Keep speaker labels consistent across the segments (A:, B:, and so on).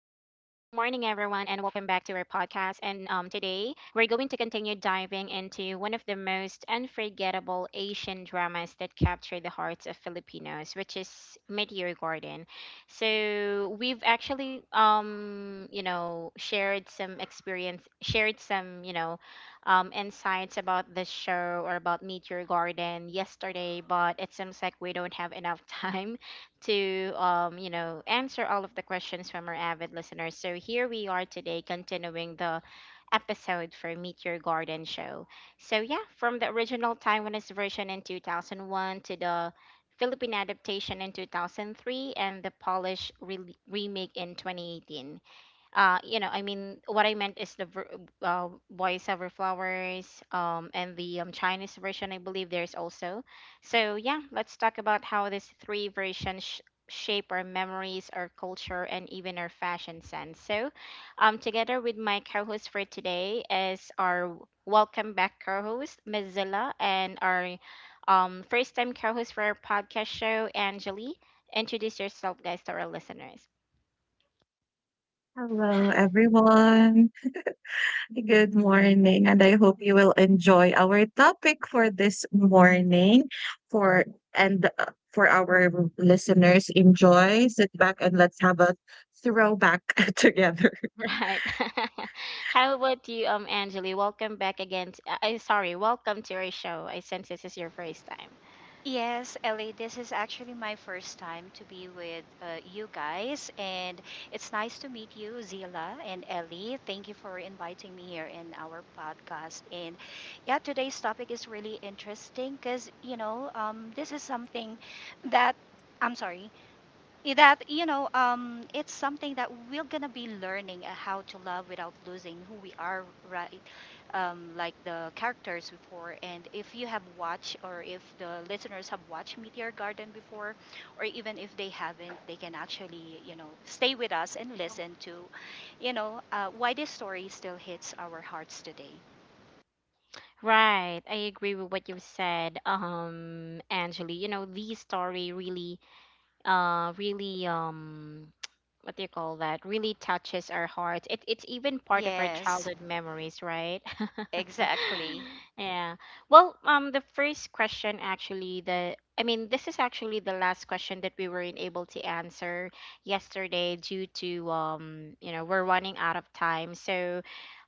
A: and welcome back to our podcast. And today we're going to continue diving into one of the most unforgettable Asian dramas that capture the hearts of Filipinos, which is Meteor Garden. So we've actually, shared some, insights about the show or about Meteor Garden yesterday, but it seems like we don't have enough time to answer all of the questions from our avid listeners. So here we are today, continuing the episode for Meet Your Garden show. From the original Taiwanese version in 2001 to the Philippine adaptation in 2003 and the remake in 2018. What I meant is uh, voiceover flowers, and the Chinese version, I believe there's also. So yeah, let's talk about how these three versions shape our memories, our culture, and even our fashion sense. Together with my co-host for today is our welcome back co-host Ms. Zilla, and our first time co-host for our podcast show, Anjali. Introduce yourself guys to our listeners.
B: Hello, everyone. Good morning, and I hope you will enjoy our topic for this morning. For for our listeners, enjoy, sit back, and let's have a throwback together.
A: Right. How about you, Angeli? Welcome back again. I'm sorry. Welcome to our show. I sense this is your first time.
C: Yes, Ellie, this is actually my first time to be with you guys, and it's nice to meet you, Zila and Ellie. Thank you for inviting me here in our podcast. And yeah, today's topic is really interesting because, you know, this is something that I'm sorry I- that you know it's something that we're gonna be learning how to love without losing who we are, right? Like the characters before, and if you have watched, or if the listeners have watched Meteor Garden before, or even if they haven't, they can actually, you know, stay with us and listen to, why this story still hits our hearts today.
A: Right. I agree with what you've said, Angeli. You know, the story really, really, what do you call that really touches our it's even part of our
C: Yes,
A: childhood memories, right?
C: exactly.
A: Yeah. The first question, actually the I mean this is actually the last question that we weren't able to answer yesterday due to, we're running out of time. so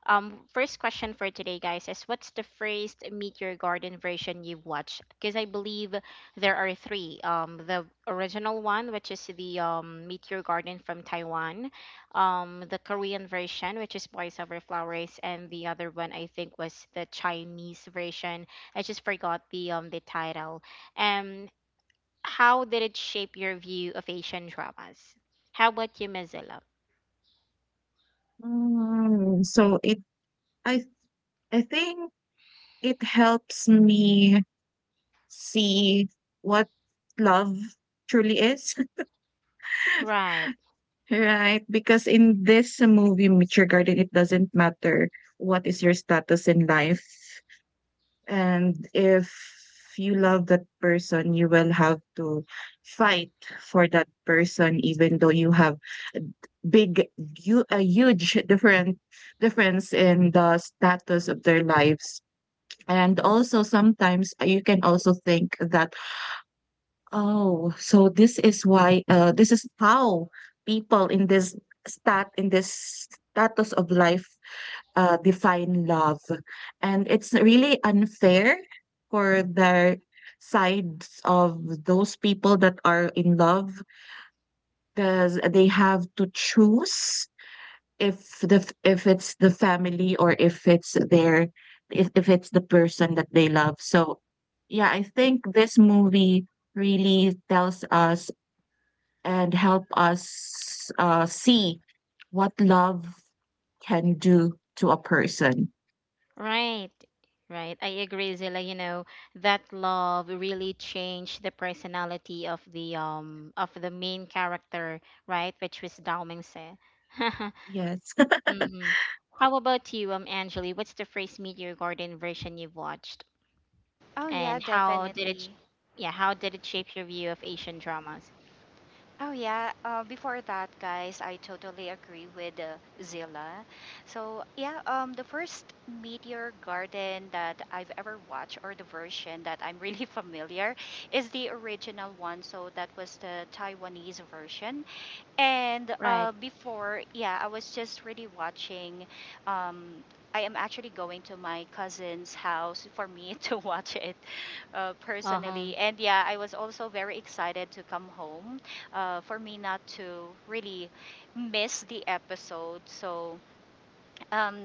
A: um First question for today, guys, is what's the first Meet Your Garden version you've watched, because I believe there are three. The original one, which is the Meteor Garden from Taiwan, the Korean version, which is Boys Over Flowers, and the other one I think was the Chinese version. I just forgot the title. Um, how did it shape your view of Asian dramas? How about you, Mozilla?
B: Mm, so it, I, I think it helps me see what love truly is,
A: Right.
B: right? Because in this movie, Mature Garden, it doesn't matter what is your status in life. And if you love that person, you will have to fight for that person, even though you have big, you a huge different difference in the status of their lives. And also, sometimes you can also think that, oh, so this is why, this is how people in this stat in this status of life define love. And it's really unfair for the sides of those people that are in love because they have to choose if the if it's the family or if it's their if it's the person that they love. So yeah, I think this movie really tells us and help us see what love can do to a person.
A: Right, right. I agree, Zilla. You know, that love really changed the personality of the main character, right? Which was Dao Mingse.
B: Yes.
A: Mm-hmm. How about you, Angeli? What's the first Meteor Garden version you've watched,
C: Oh yeah,
A: and how did it?
C: definitely.
A: Yeah, how did it shape your view of Asian dramas?
C: Oh yeah, before that, guys, I totally agree with Zilla. So yeah, the first Meteor Garden that I've ever watched, or the version that I'm really familiar, is the original one. So that was the Taiwanese version, and
A: Right.
C: before, yeah, I was just really watching. Um, I am actually going to my cousin's house for me to watch it
A: Uh huh.
C: personally. And yeah, I was also very excited to come home, for me not to really miss the episode. So um,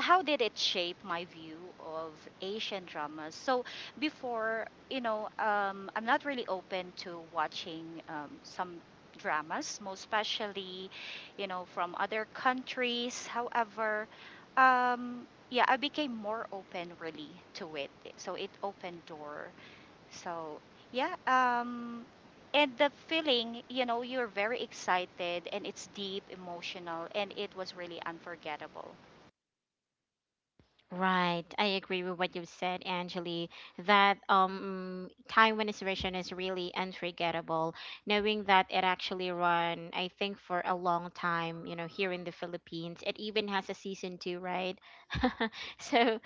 C: how did it shape my view of Asian dramas? So before, you know, I'm not really open to watching some dramas, most especially, you know, from other countries. However, yeah, I became more open really to it. So it opened door. So yeah, and the feeling, you know, you're very excited and it's deep, emotional, and it was really unforgettable.
A: Right, I agree with what you said, Angeli, that Taiwanese version is really unforgettable, knowing that it actually run, I think, for a long time, you know, here in the Philippines. It even has a season two, right? So,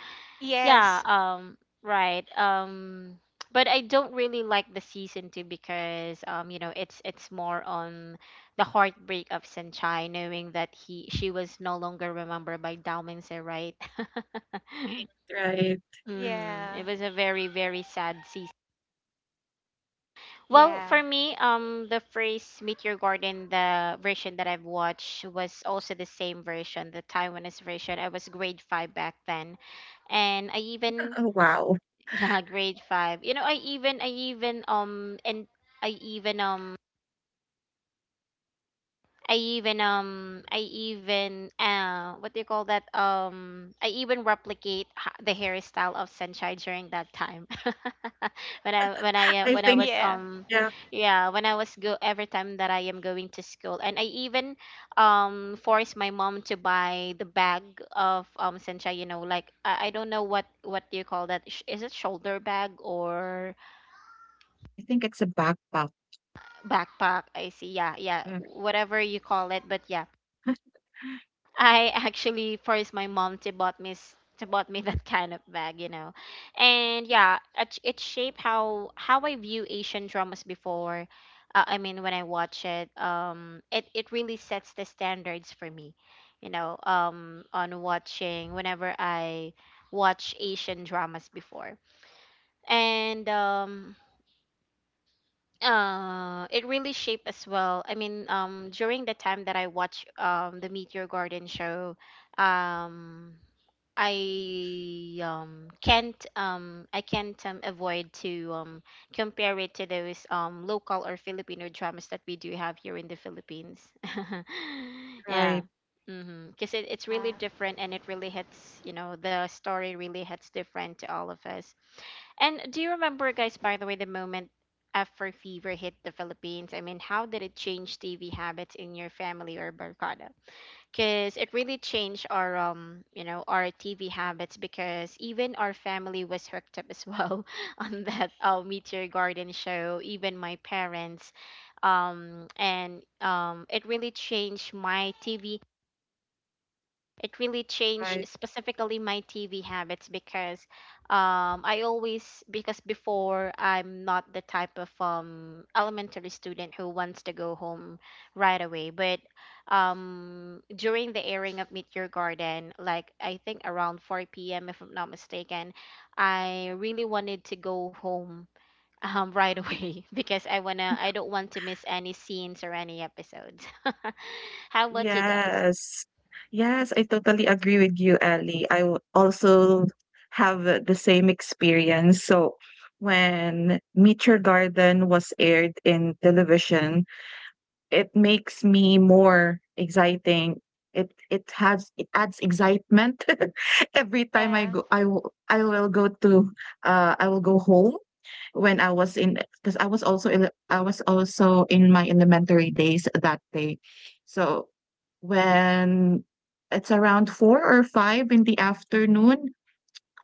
A: yeah,
C: Yes.
A: right. But I don't really like the season two because, you know, it's more on the heartbreak of Senchai, knowing that he she was no longer remembered by Dao Mingse, right?
B: Right.
A: Mm-hmm.
C: Yeah.
A: It was a very, very sad season. Well,
C: Yeah.
A: for me, the phrase "Meet Your Garden," the version that I've watched was also the same version, the Taiwanese version. I was grade five back then, and I even
B: Oh, wow.
A: yeah, grade five. You know, I even and I even I even I even what do you call that I even replicate the hairstyle of Sunshine during that time
B: I
A: when
C: Y-
A: I
B: think
A: was
C: yeah.
B: yeah,
A: yeah, when I was go every time that I am going to school, and I even forced my mom to buy the bag of Sunshine, you know, like I don't know what do you call that. Is it shoulder bag or
B: I think it's a backpack.
A: backpack? I see. Yeah, yeah,
B: Mm.
A: whatever you call it, but yeah, I actually forced my mom to bought to bought me that kind of bag, you know. And yeah, it shaped how I view Asian dramas before. I mean, when I watch it, it really sets the standards for me, you know. On watching, whenever I watch Asian dramas before, and it really shaped as well. I mean, during the time that I watched the Meteor Garden show, um I can't avoid to compare it to those local or Filipino dramas that we do have here in the Philippines. Yeah.
B: Right,
A: Mm-hmm. Because it's really
C: Yeah.
A: different and it really hits, you know, the story really hits different to all of us. And do you remember, guys, by the way, the moment after Fever hit the Philippines? I mean, how did it change TV habits in your family or Barkada? Because it really changed our our TV habits, because even our family was hooked up as well on that Meet Garden show. Even my parents, and it really changed my TV it really changed
B: right.
A: specifically my TV habits because, I always, because before I'm not the type of elementary student who wants to go home right away. But during the airing of Meet Your Garden, like I think around 4 p.m. if I'm not mistaken, I really wanted to go home right away because I don't want to miss any scenes or any episodes. How about you guys?
B: Yes. Yes, I totally agree with you, Ellie. I w- also have the same experience. So when Meet Your Garden was aired in television, it makes me more exciting. It adds excitement every time I
C: Yeah.
B: go. I will go to I will go home when I was in, because I was also in my elementary days that day. So when it's around four or five in the afternoon,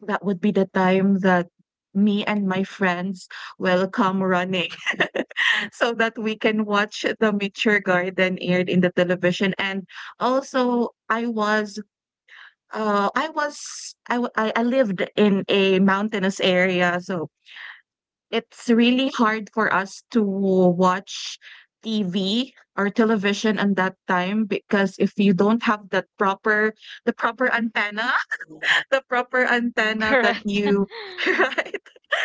B: that would be the time that me and my friends will come running so that we can watch the Mature Garden aired in the television. And also, I was. I was I, w- I lived in a mountainous area, so it's really hard for us to watch TV or television on that time, because if you don't have that proper the proper antenna, the proper antenna that
A: Correct.
B: you right?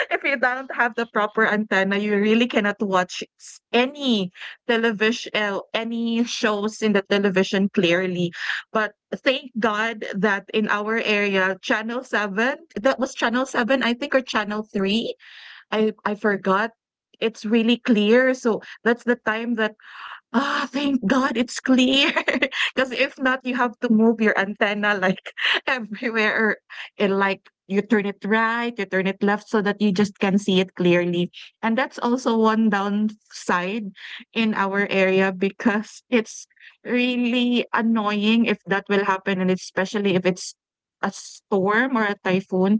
B: If you don't have the proper antenna, you really cannot watch any television any shows in the television clearly. But thank God that in our area, Channel 7, that was Channel 7 I think, or Channel 3, I forgot. It's really clear. So that's the time that, ah, thank God it's clear. Because if not, you have to move your antenna like everywhere, or and like you turn it right, you turn it left so that you just can see it clearly. And that's also one downside in our area, because it's really annoying if that will happen, and especially if it's a storm or a typhoon.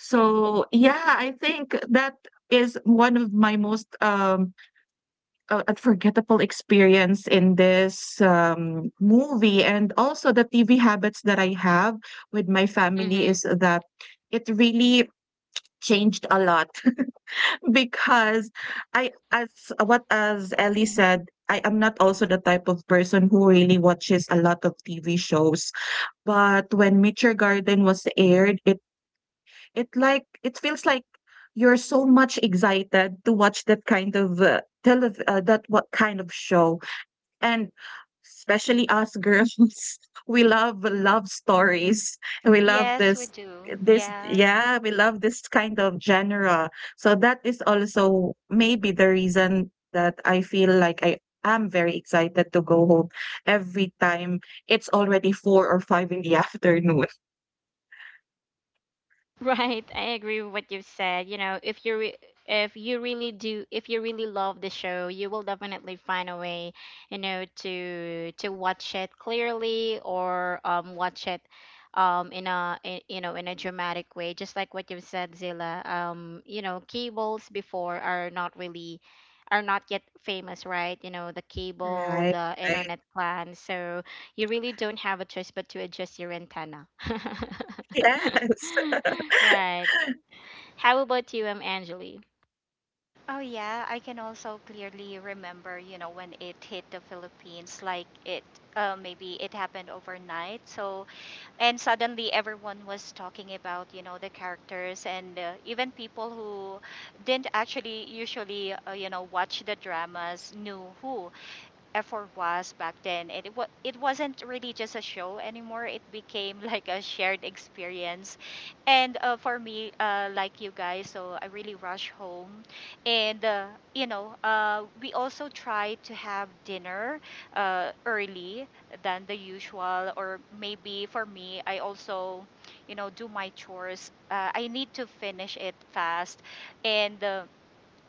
B: So yeah, I think that is one of my most, unforgettable experience in this, movie, and also the TV habits that I have with my family
A: Mm-hmm.
B: is that it really changed a lot because I as what as Ellie said, I am not also the type of person who really watches a lot of TV shows, but when Mature Garden was aired, it feels like you're so much excited to watch that kind of, telev that what kind of show. And especially us girls, we love love stories. We love
C: Yes, we
B: this
C: do.
B: this
C: Yeah.
B: yeah, we love this kind of genre. So that is also maybe the reason that I feel like I am very excited to go home every time it's already four or five in the afternoon.
A: Right, I agree with what you've said. You know, if you really do, if you really love the show, you will definitely find a way, you know, to watch it clearly, or watch it you know, in a dramatic way. Just like what you've said, Zilla. You know, cables before are not really, are not yet famous, right? You know, the cable,
B: Right.
A: the
B: Right.
A: internet plan. So you really don't have a choice but to adjust your antenna.
B: Yes.
A: Right. How about you, Angeli?
C: Oh, yeah. I can also clearly remember, you know, when it hit the Philippines, like it, maybe it happened overnight. So, and suddenly everyone was talking about, you know, the characters and, even people who didn't actually usually, you know, watch the dramas knew who. Effort was back then, and it wasn't really just a show anymore, it became like a shared experience. And for me, like you guys, so I really rush home. And you know, we also try to have dinner early than the usual, or maybe for me, I also, you know, do my chores. I need to finish it fast. And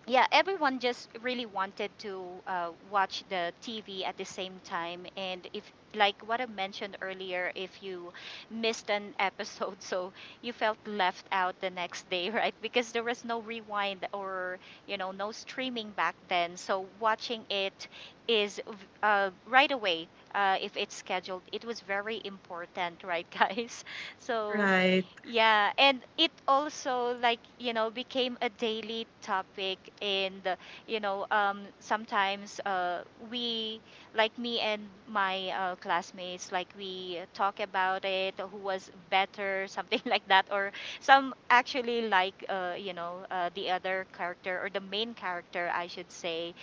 C: yeah, everyone just really wanted to watch the TV at the same time. And if, like what I mentioned earlier, if you missed an episode, so you felt left out the next day, right? Because there was no rewind or, you know, no streaming back then. So watching it is v- right away, if it's scheduled, it was very important, right, guys? So
B: Right,
C: yeah, and it also, like, you know, became a daily topic. And you know, sometimes we like me and my classmates, like, we talk about it who was better, something like that, or some actually like, the other character, or the main character, I should say,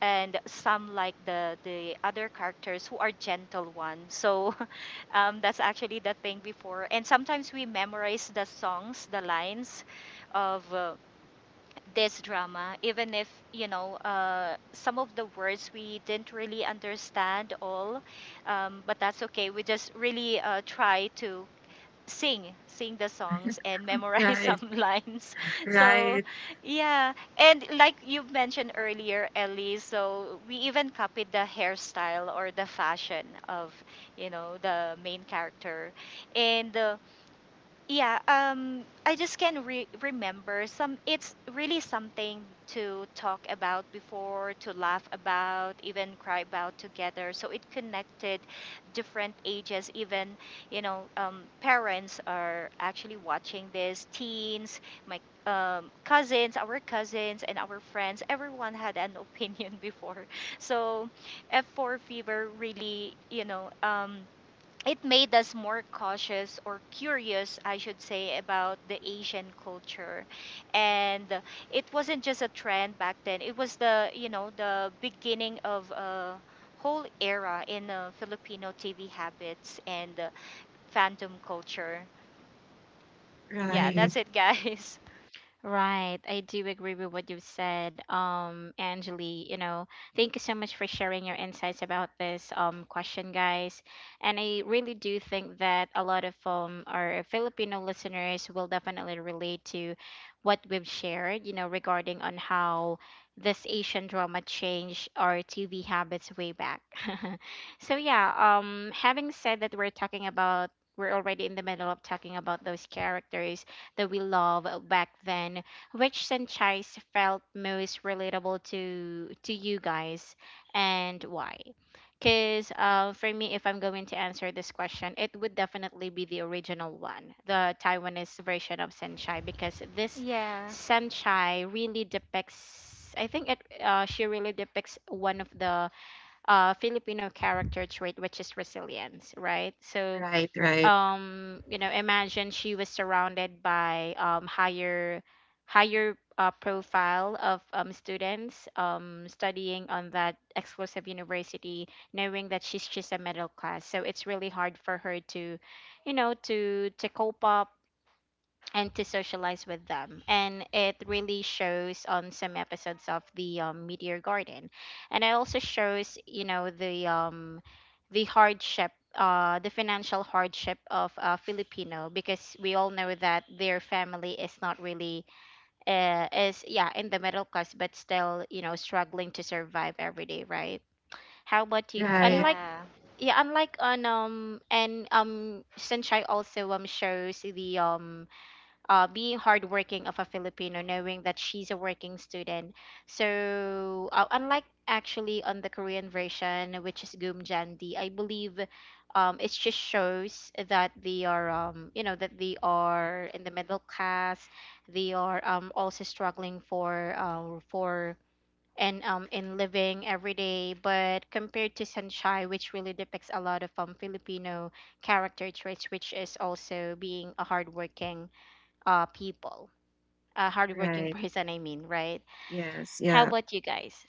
C: and some like the other characters who are gentle ones. So um, that's actually the thing before. And sometimes we memorize the songs, the lines of this drama, even if, you know, some of the words we didn't really understand all. But that's okay. We just really try to sing the songs and memorize
B: right,
C: some lines. So
B: right,
C: yeah, and like you mentioned earlier, Ellie, so we even copied the hairstyle or the fashion of, you know, the main character. And yeah, um, I just can remember some. It's really something to talk about before, to laugh about, even cry about together. So it connected different ages. Even, you know, parents are actually watching this, teens, my cousins, our cousins, and our friends, everyone had an opinion before. So F4 fever really, you know, it made us more cautious, or curious, I should say, about the Asian culture. And it wasn't just a trend back then. It was the, you know, the beginning of a whole era in Filipino TV habits, and fandom culture. Yeah,
B: right,
C: that's it, guys.
A: Right. I do agree with what you've said, Angeli. You know, thank you so much for sharing your insights about this question, guys. And I really do think that a lot of our Filipino listeners will definitely relate to what we've shared, you know, regarding on how this Asian drama changed our TV habits way back. So yeah, having said that, we're talking about we're already in the middle of talking about those characters that we love, back then. Which franchise felt most relatable to you guys, and why? Because, for me, if I'm going to answer this question, it would definitely be the original one, the Taiwanese version of Senchai, because this
C: Yeah.
A: Senchai really depicts, I think, it she really depicts one of the Filipino character trait, which is resilience, right? So
B: right, right,
A: you know, imagine she was surrounded by higher profile of students studying on that exclusive university, knowing that she's just a middle class, so it's really hard for her to, you know, to cope up and to socialize with them. And it really shows on some episodes of the Meteor Garden. And it also shows, you know, the the financial hardship of a Filipino, because we all know that their family is not really is yeah, in the middle class, but still, you know, struggling to survive every day, right? How about you?
B: right,
A: Unlike,
C: Yeah.
A: yeah, unlike on and Sunshine also shows the being hardworking of a Filipino, knowing that she's a working student. So, unlike actually on the Korean version, which is Gumjandi, I believe, it just shows that they are, you know, that they are in the middle class. They are also struggling for, for and in living every day. But compared to Sanchai, which really depicts a lot of Filipino character traits, which is also being a hardworking people a hardworking
B: right.
A: person, I mean, right?
B: Yes,
A: How
B: yeah.
A: about you guys?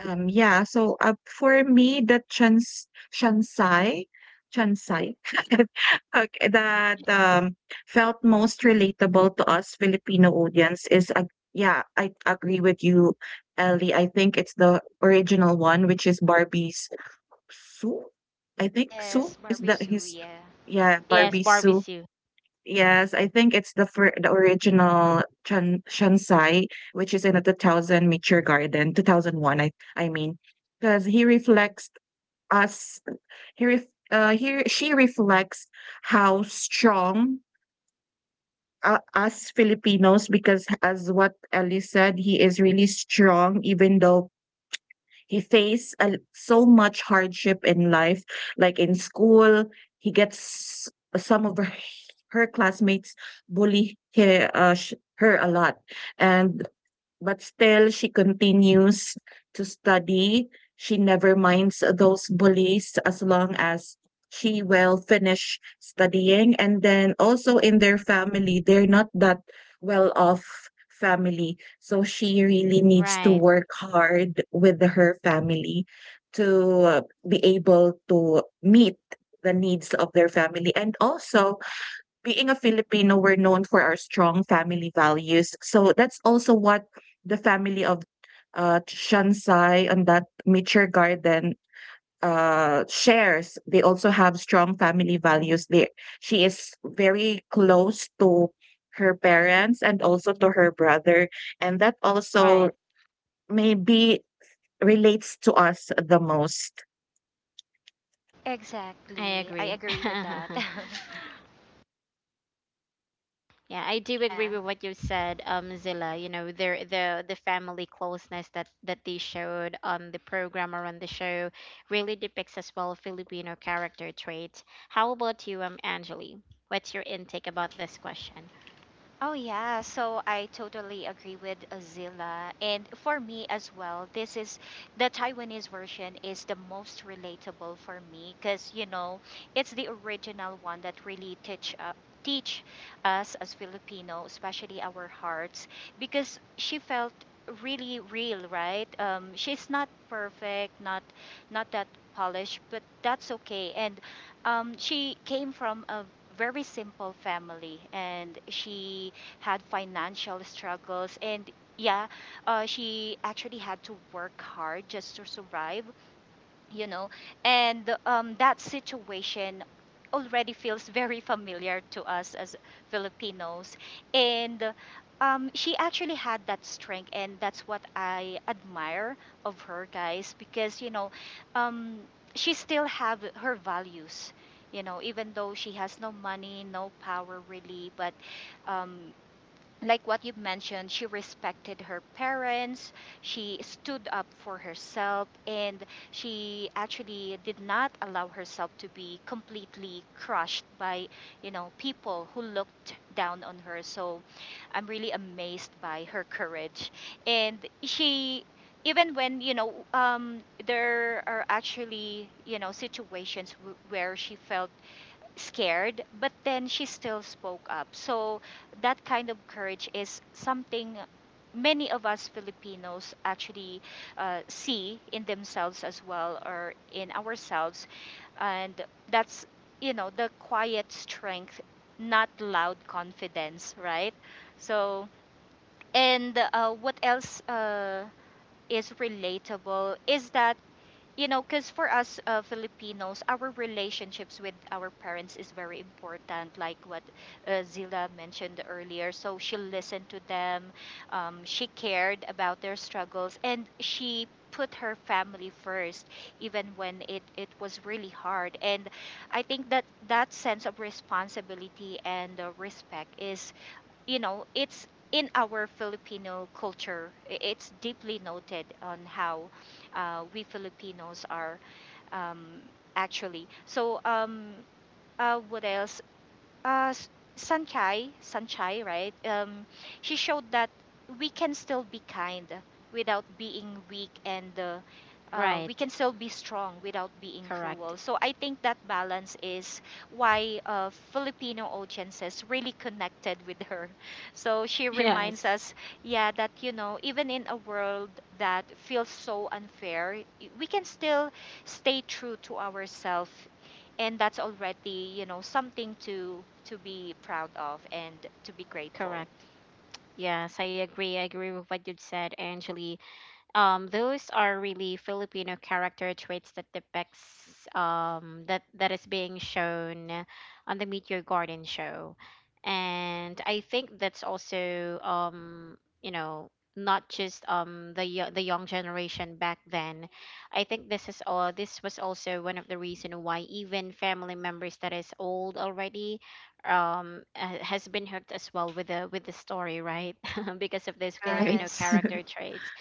B: Yeah, so, for me, the Transai Transai okay, that, felt most relatable to us Filipino audience is ag yeah, I agree with you, Ellie. I think it's the original one, which is Barbie's Sue? I think Sue,
C: Yes,
B: is
C: Barbie
B: that
C: Sue,
B: his
C: yeah.
B: yeah,
A: Yes,
B: Barbie Sue.
A: barbecue.
B: Yes, I think it's the original Chan Shansai, which is in the 2000 mature Garden, 2001, I mean, because he reflects us, he ref he she reflects how strong us Filipinos, because as what Ellie said, he is really strong, even though he faced so much hardship in life, like in school. He gets some of her classmates bully her her a lot, and but still, she continues to study. She never minds those bullies as long as she will finish studying. And then also in their family, they're not that well off family. So she really needs to
A: Right,
B: work hard with her family to be able to meet the needs of their family. And also, being a Filipino, we're known for our strong family values. So that's also what the family of Shansai and that mature garden shares. They also have strong family values. She is very close to her parents and also to her brother. And that also
A: right.
B: maybe relates to us the most.
A: I
C: Exactly. I
A: agree.
C: agree with that.
A: Yeah, I do agree
C: Yeah.
A: with what you said, Zilla. You know, the family closeness that that they showed on the program or on the show really depicts as well Filipino character traits. How about you, Angeli? What's your intake about this question?
C: Oh yeah, so I totally agree with Azila. And for me as well, this is, the Taiwanese version is the most relatable for me, because, you know, it's the original one that really teach teach us as Filipino, especially our hearts, because she felt really real, right? She's not perfect, not that polished, but that's okay. And she came from a very simple family, and she had financial struggles, and yeah, she actually had to work hard just to survive, you know. And that situation already feels very familiar to us as Filipinos. And she actually had that strength, and that's what I admire of her, guys, because, you know, um, she still have her values, you know, even though she has no money, no power, really. But um, like what you've mentioned, she respected her parents, she stood up for herself, and she actually did not allow herself to be completely crushed by, you know, people who looked down on her. So I'm really amazed by her courage. And she, even when, you know, there are actually, you know, situations where she felt scared, but then she still spoke up. So that kind of courage is something many of us Filipinos actually, see in themselves as well, or in ourselves. And that's, you know, the quiet strength, not loud confidence, right? So, and what else, is relatable is that, you know, because for us, Filipinos, our relationships with our parents is very important, like what Zila mentioned earlier. So she listened to them, she cared about their struggles, and she put her family first, even when it was really hard. And I think that that sense of responsibility and, respect is, you know, it's in our Filipino culture, it's deeply noted on how we Filipinos are, um, actually. So, what else? uh, S- Sanchai, right? She showed that we can still be kind without being weak, and we
A: Right.
C: can still be strong without being
A: Correct.
C: cruel. So I think that balance is why Filipino audiences really connected with her. So she reminds
A: Yes.
C: us, yeah, that, you know, even in a world that feels so unfair, we can still stay true to ourselves, and that's already, you know, something to be proud of and to be grateful.
A: Correct. Yes, I agree. I agree with what you said, Angeli. Those are really Filipino character traits that depicts that is being shown on the Meet Your Garden show. And I think that's also you know not just the young generation back then. I think this is all this was also one of the reason why even family members that is old already, has been hooked as well with the story, right? Because of this
B: Right,
A: Filipino
C: Yes.
A: character traits.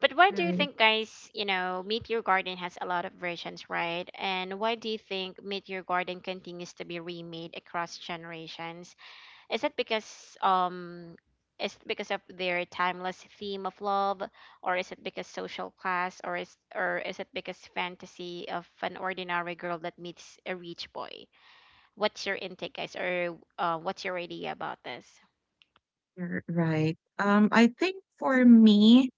A: But why do you
B: right,
A: think, guys, you know, Meteor Garden has a lot of versions, right? And why do you think Meteor Garden continues to be remade across generations? Is it because um is it because of their timeless theme of love, or is it because social class, or is it because fantasy of an ordinary girl that meets a rich boy? What's your intake, guys, or what's your idea about this?
B: you're right. I think for me,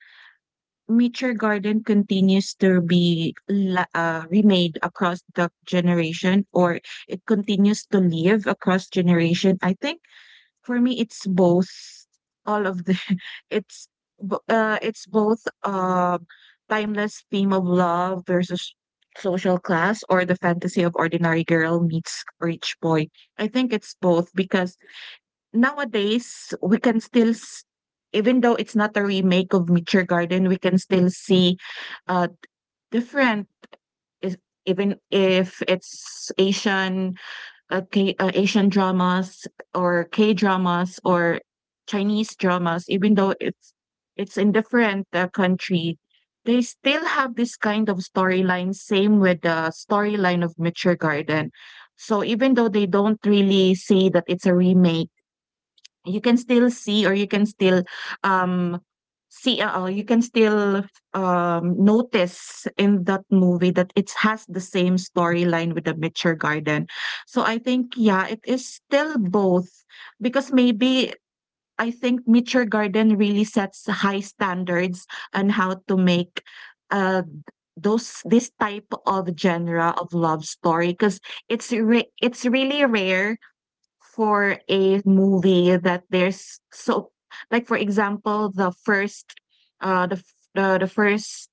B: Nature Garden continues to be remade across the generation, or it continues to live across generation. I think for me, it's both. All of the it's both timeless theme of love versus social class, or the fantasy of ordinary girl meets rich boy. I think it's both because nowadays we can still even though it's not a remake of Mature Garden, we can still see uh different is even if it's Asian dramas or K dramas or Chinese dramas, even though it's in different country, they still have this kind of storyline. Same with the storyline of Mature Garden. So even though they don't really say that it's a remake, you can still see, or you can still um see or you can still notice in that movie that it has the same storyline with the Mitchell Garden. So I think yeah, it is still both, because maybe I think Mitchell Garden really sets high standards on how to make uh those this type of genre of love story, because it's really rare for a movie that there's so like for example the first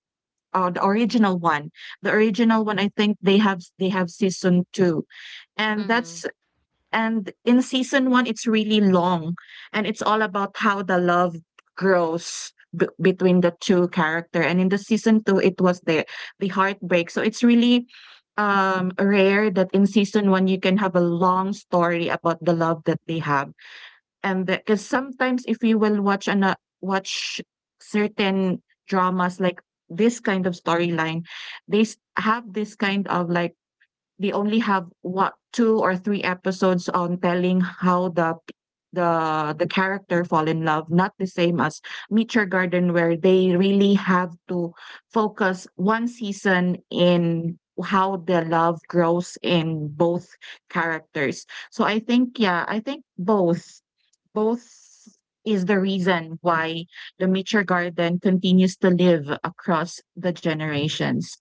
B: the original one. The original one I think they have season 2, and that's and in season one, it's really long, and it's all about how the love grows between the two character. And in the season two, it was the heartbreak. So it's really rare that in season one you can have a long story about the love that they have. And because sometimes if you will watch and watch certain dramas like this kind of storyline, have this kind of like they only have what two or three episodes on telling how the the character fall in love, not the same as meet your garden where they really have to focus one season in how the love grows in both characters. So I think yeah, I think both, both is the reason why the meet your garden continues to live across the generations.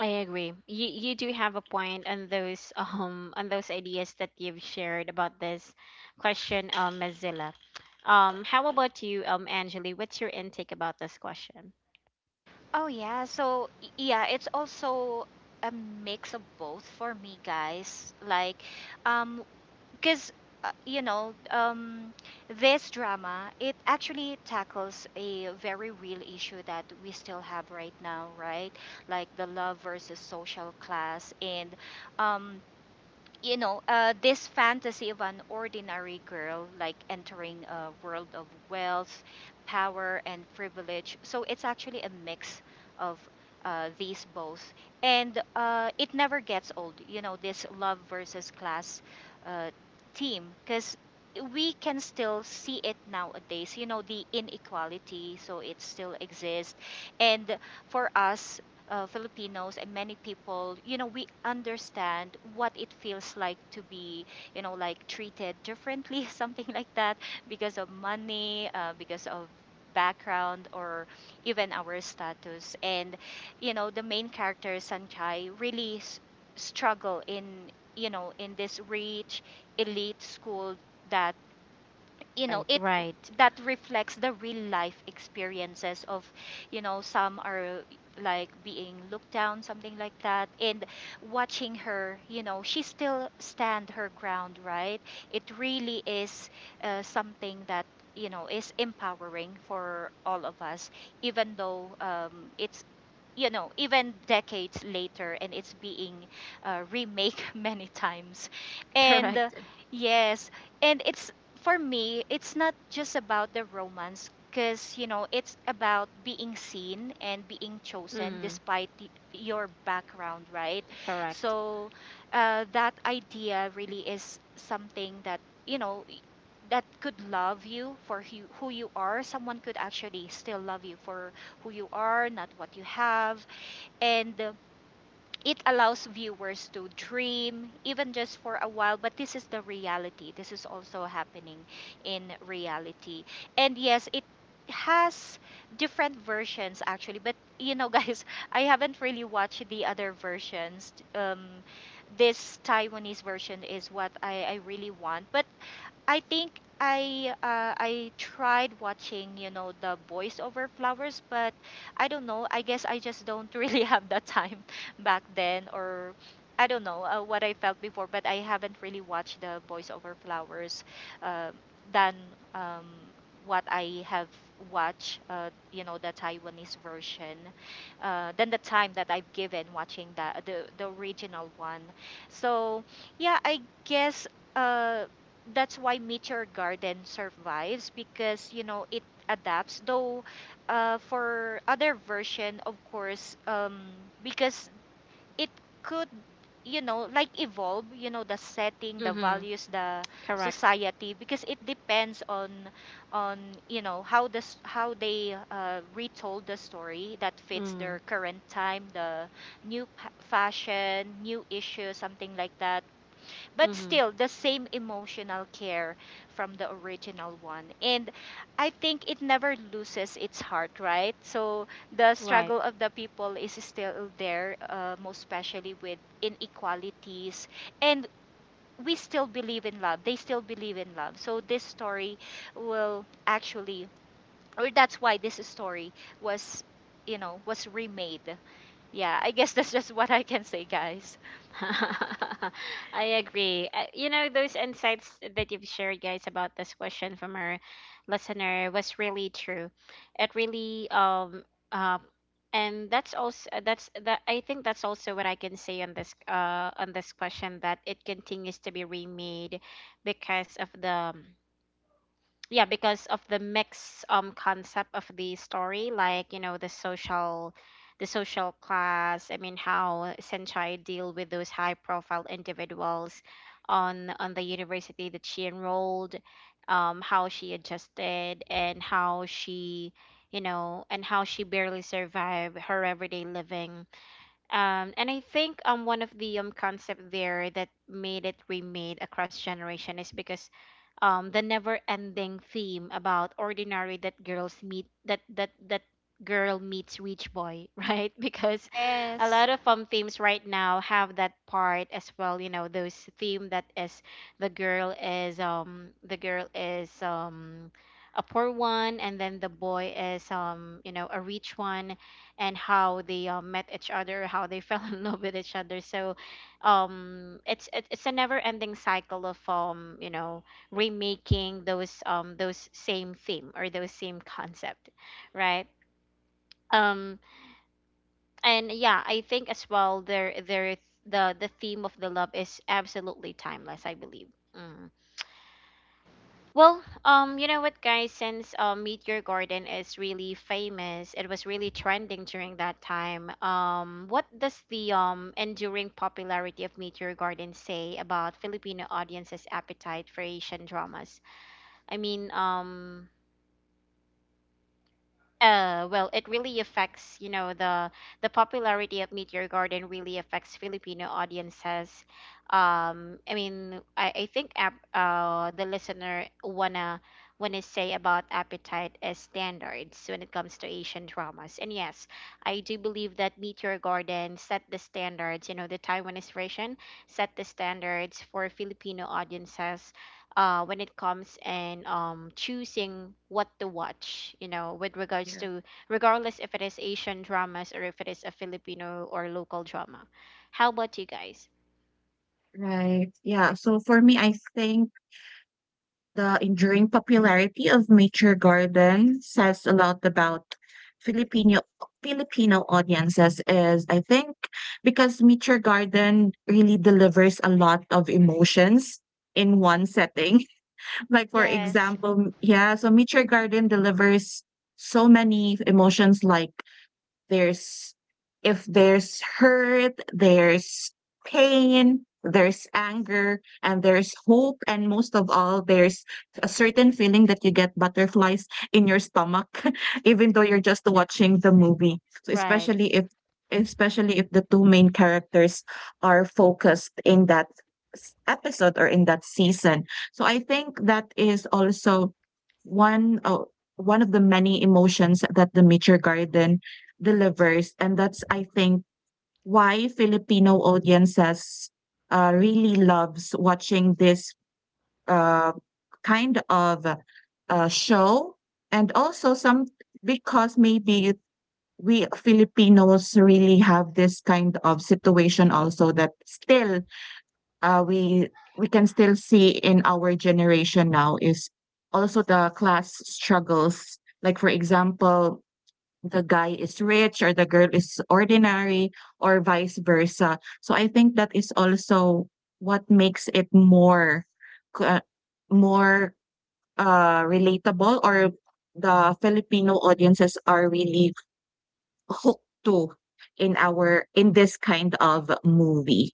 A: I agree. You do have a point on those on those ideas that you've shared about this question, Mozilla. How about you, Angeli? What's your intake about this question?
C: Oh yeah, so yeah, it's also a mix of both for me, guys, like, um because you know, this drama, it actually tackles a very real issue that we still have right now, right? Like the love versus social class, and um you know, this fantasy of an ordinary girl like entering a world of wealth, power, and privilege. So it's actually a mix of these both. And it never gets old, you know, this love versus class, uh, team, because we can still see it nowadays. You know, the inequality, so it still exists. And for us, Filipinos and many people, you know, we understand what it feels like to be, you know, like treated differently, something like that, because of money, because of background, or even our status. And, you know, the main character, Sanchai, really struggle in, you know, in this rich elite school, that, you know,
A: Right,
C: it,
A: right,
C: that reflects the real life experiences of, you know, some are, like, being looked down, something like that. And watching her, you know, she still stand her ground, right? It really is, something that, you know, is empowering for all of us, even though, it's, you know, even decades later, and it's being remake many times. And
A: correct.
C: yes, and it's, for me, it's not just about the romance, because, you know, it's about being seen and being chosen
A: Mm,
C: despite your background, right?
A: correct.
C: So that idea really is something that, you know, that could love you for who you are. Someone could actually still love you for who you are, not what you have. And it allows viewers to dream even just for a while, but this is the reality, this is also happening in reality. And yes, it has different versions actually, but you know, guys, I haven't really watched the other versions. Um, this Taiwanese version is what I really want. But I think I, I tried watching, you know, the Boys Over Flowers, but I don't know. I guess I just don't really have the time back then, or I don't know what I felt before. But I haven't really watched the Boys Over Flowers uh, than um, what I have watched, the Taiwanese version, than the time that I've given watching the original one. So yeah, I guess. Uh, that's why Meteor Garden survives because you know it adapts. Though, for other version, of course, because it could, you know, like evolve. You know, the setting, the
A: Mm-hmm,
C: values, the
A: correct.
C: society, because it depends on you know how this how they retold the story that fits
A: Mm,
C: their current time, the fashion, new issue, something like that, but
A: mm-hmm,
C: still the same emotional care from the original one. And I think it never loses its heart, right? So the
A: right.
C: struggle of the people is still there, most especially with inequalities. And we still believe in love, they still believe in love, so this story will actually or that's why this story was, you know, was remade. Yeah, I guess. That's just what I can say, guys.
A: I agree. You know, those insights that you've shared, guys, about this question from our listener was really true. It really, uh, and that's also that's that. I think that's also what I can say on this question, that it continues to be remade because of the um, yeah, because of the mix concept of the story. Like, you know, the social, the social class. I mean, how Senchai deal with those high profile individuals on the university that she enrolled, how she adjusted, and how she, you know, and how she barely survived her everyday living. And I think one of the concept there that made it remade across generation is because the never ending theme about ordinary that girls meet that that that girl meets rich boy, right? Because a
C: Yes.
A: lot of themes right now have that part as well, you know, those theme that is the girl is a poor one, and then the boy is, you know, a rich one, and how they met each other, how they fell in love with each other. So, it's a never-ending cycle of, you know, remaking those same theme or those same concept, right? Um, and yeah, I think as well there, the theme of the love is absolutely timeless, I believe. Mm. Well, you know what, guys? Since Meet Your Garden is really famous, it was really trending during that time. What does the enduring popularity of Meet Your Garden say about Filipino audiences' appetite for Asian dramas? I mean, well, it really affects, you know, the popularity of Meet Your Garden really affects Filipino audiences. I mean, I think the listener wanna say about appetite as standards when it comes to Asian dramas. And yes, I do believe that Meet Your Garden set the standards. You know, the Taiwanese version set the standards for Filipino audiences when it comes and, choosing what to watch, you know, with regards to regardless if it is Asian dramas or if it is a Filipino or local drama. How about you guys?
B: Right. Yeah. So for me, I think the enduring popularity of nature garden says a lot about Filipino Filipino audiences is I think because nature garden really delivers a lot of emotions in one setting. Like for
C: Yes.
B: example, yeah, so nature garden delivers so many emotions like there's if there's hurt, there's pain, there's anger, and there's hope, and most of all, there's a certain feeling that you get butterflies in your stomach, even though you're just watching the movie. So
A: Right,
B: especially if the two main characters are focused in episode or in that season. So I think that is also one uh, one of the many emotions that the Mature Garden delivers. And that's, I think, why Filipino audiences really loves watching this uh, kind of show. And also some because maybe we Filipinos really have this kind of situation also that still uh, we we can still see in our generation now is also the class struggles. Like for example, the guy is rich or the girl is ordinary or vice versa. So I think that is also what makes it more uh, more relatable, or the Filipino audiences are really hooked to in our in this kind of movie.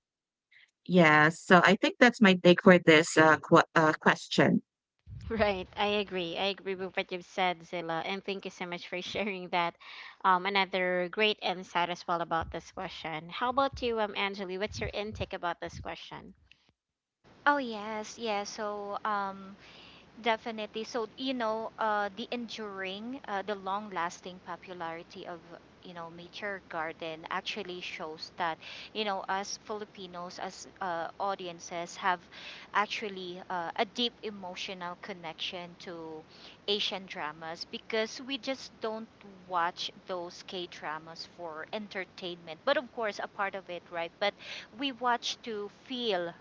B: Yes. So I think that's my take for this question.
A: right. I agree. I agree with what you've said, Zilla, and thank you so much for sharing that. Another great insight as well about this question. How about you, Anjali? What's your intake about this question?
C: Oh yes, yes. Definitely. So, you know, the enduring, the long lasting popularity of, you know, Nature Garden actually shows that, you know, us Filipinos, as audiences, have actually a deep emotional connection to Asian dramas, because we just don't watch those K dramas for entertainment. But of course, a part of it, right? But we watch to feel,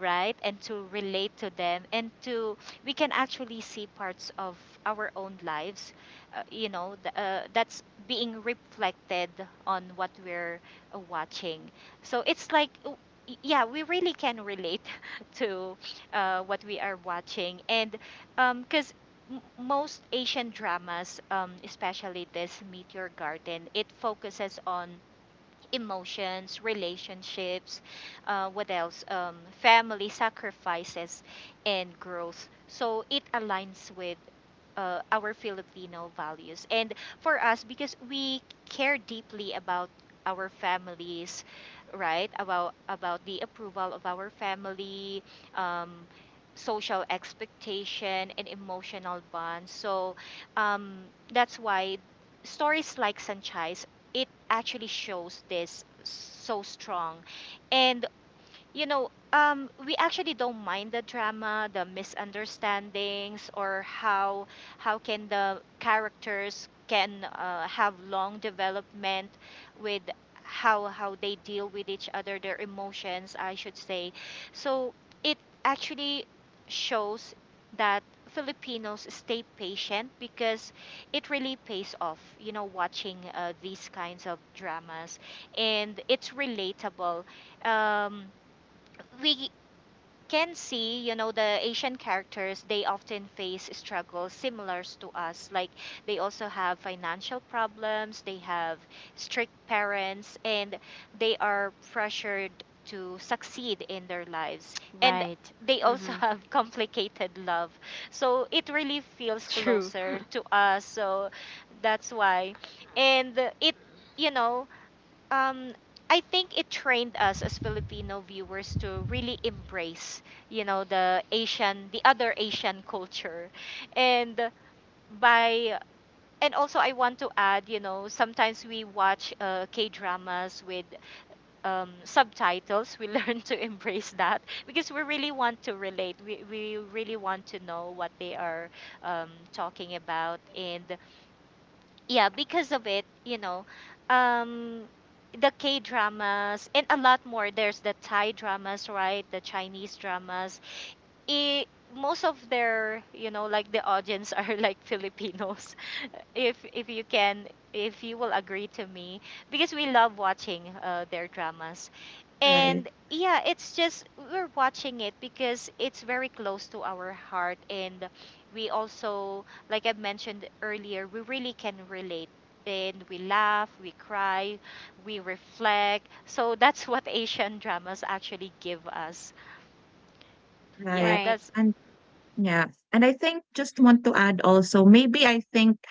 C: right? And to relate to them, and to we can actually see parts of our own lives, that's being reflected on what we're watching. So it's like, yeah, we really can relate to what we are watching. And because most Asian dramas, especially this Meteor Garden, it focuses on emotions, relationships, what else? Family sacrifices and growth. So it aligns with our Filipino values. And for us, because we care deeply about our families, right? About the approval of our family, um, social expectation, and emotional bonds. So um, that's why stories like Sanchez, it actually shows this so strong. And you know, we actually don't mind the drama, the misunderstandings, or how can the characters can have long development with how they deal with each other, their emotions, I should say. So it actually shows that Filipinos stay patient because it really pays off, you know, watching these kinds of dramas, and it's relatable. Um, we can see, you know, the Asian characters, they often face struggles similar to us. Like they also have financial problems, they have strict parents, and they are pressured to succeed in their lives. And
A: Right.
C: they also
A: Mm-hmm.
C: have complicated love. So it really feels
A: True.
C: closer to us. So that's why. And it, you know, um I think it trained us as Filipino viewers to really embrace, you know, the Asian, the other Asian culture. And by and also I want to add, you know, sometimes we watch K-dramas with subtitles. We learn to embrace that because we really want to relate. We really want to know what they are talking about. And yeah, because of it, you know, um, the K dramas and a lot more. There's the Thai dramas, right? The Chinese dramas. It, Most of their, you know, like the audience are like Filipinos. If you can, if you will agree to me, because we love watching their dramas.
B: Right,
C: And yeah, it's just we're watching it because it's very close to our heart, and we also, like I mentioned earlier, we really can relate. And we laugh, we cry, we reflect. So that's what Asian dramas actually give us. Yeah,
B: right.
A: Right.
C: that's
B: And yeah, and I think just want to add also, maybe I think,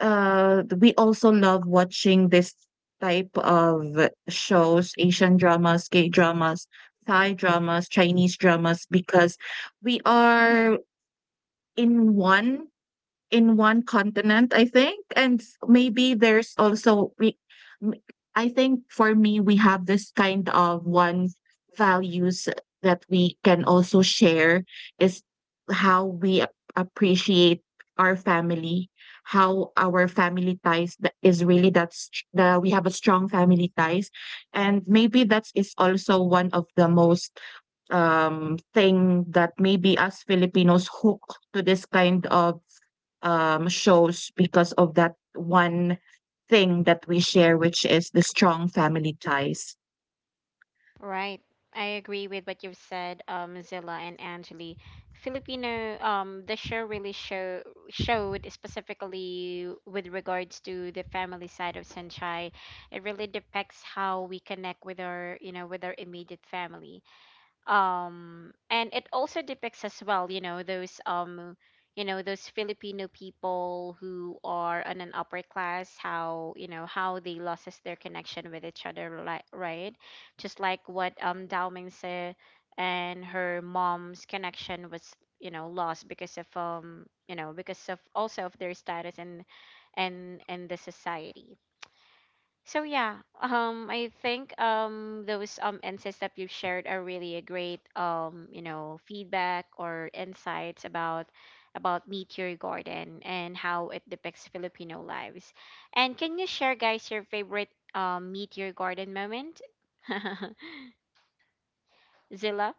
B: we also love watching this type of shows, Asian dramas, K dramas, Thai dramas, Chinese dramas, because we are in one in one continent, I think. Maybe there's also we m- I think for me we have this kind of one values that we can also share is how we appreciate our family, how our family ties that is really that's the we have a strong family ties. And maybe that is also one of the most thing that maybe us Filipinos hook to this kind of shows because of that one thing that we share, which is the strong family ties.
A: Right. I agree with what you've said, Zilla and Angeli. Filipino, the show really showed specifically with regards to the family side of Sanchai. It really depicts how we connect with our, you know, with our immediate family, and it also depicts as well, you know, those you know, those Filipino people who are on an upper class, how, you know, how they loses their connection with each other, like, right, just like what Daoming said, and her mom's connection was, you know, lost because of, you know, because of also of their status and and the society. So yeah, I think those insights that you've shared are really a great you know, feedback or insights about Meet Your Garden and how it depicts Filipino lives. And can you share, guys, your favorite Meet Your Garden moment? Zilla.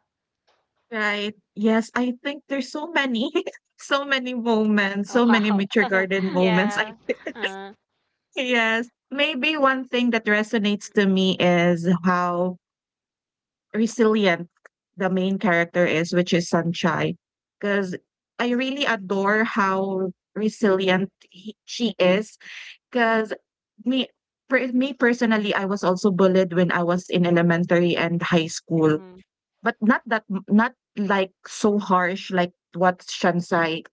B: Right. Yes, I think there's so many, so many moments,
A: Oh,
B: so many
A: wow.
B: mature garden moments. I
C: yeah.
A: uh,
B: yes. Maybe one thing that resonates to me is how resilient the main character is, which is Sunshine. Because I really adore how resilient she is. 'Cause me me personally, I was also bullied when I was in elementary and high school,
A: mhm,
B: but not like so harsh like what Shansai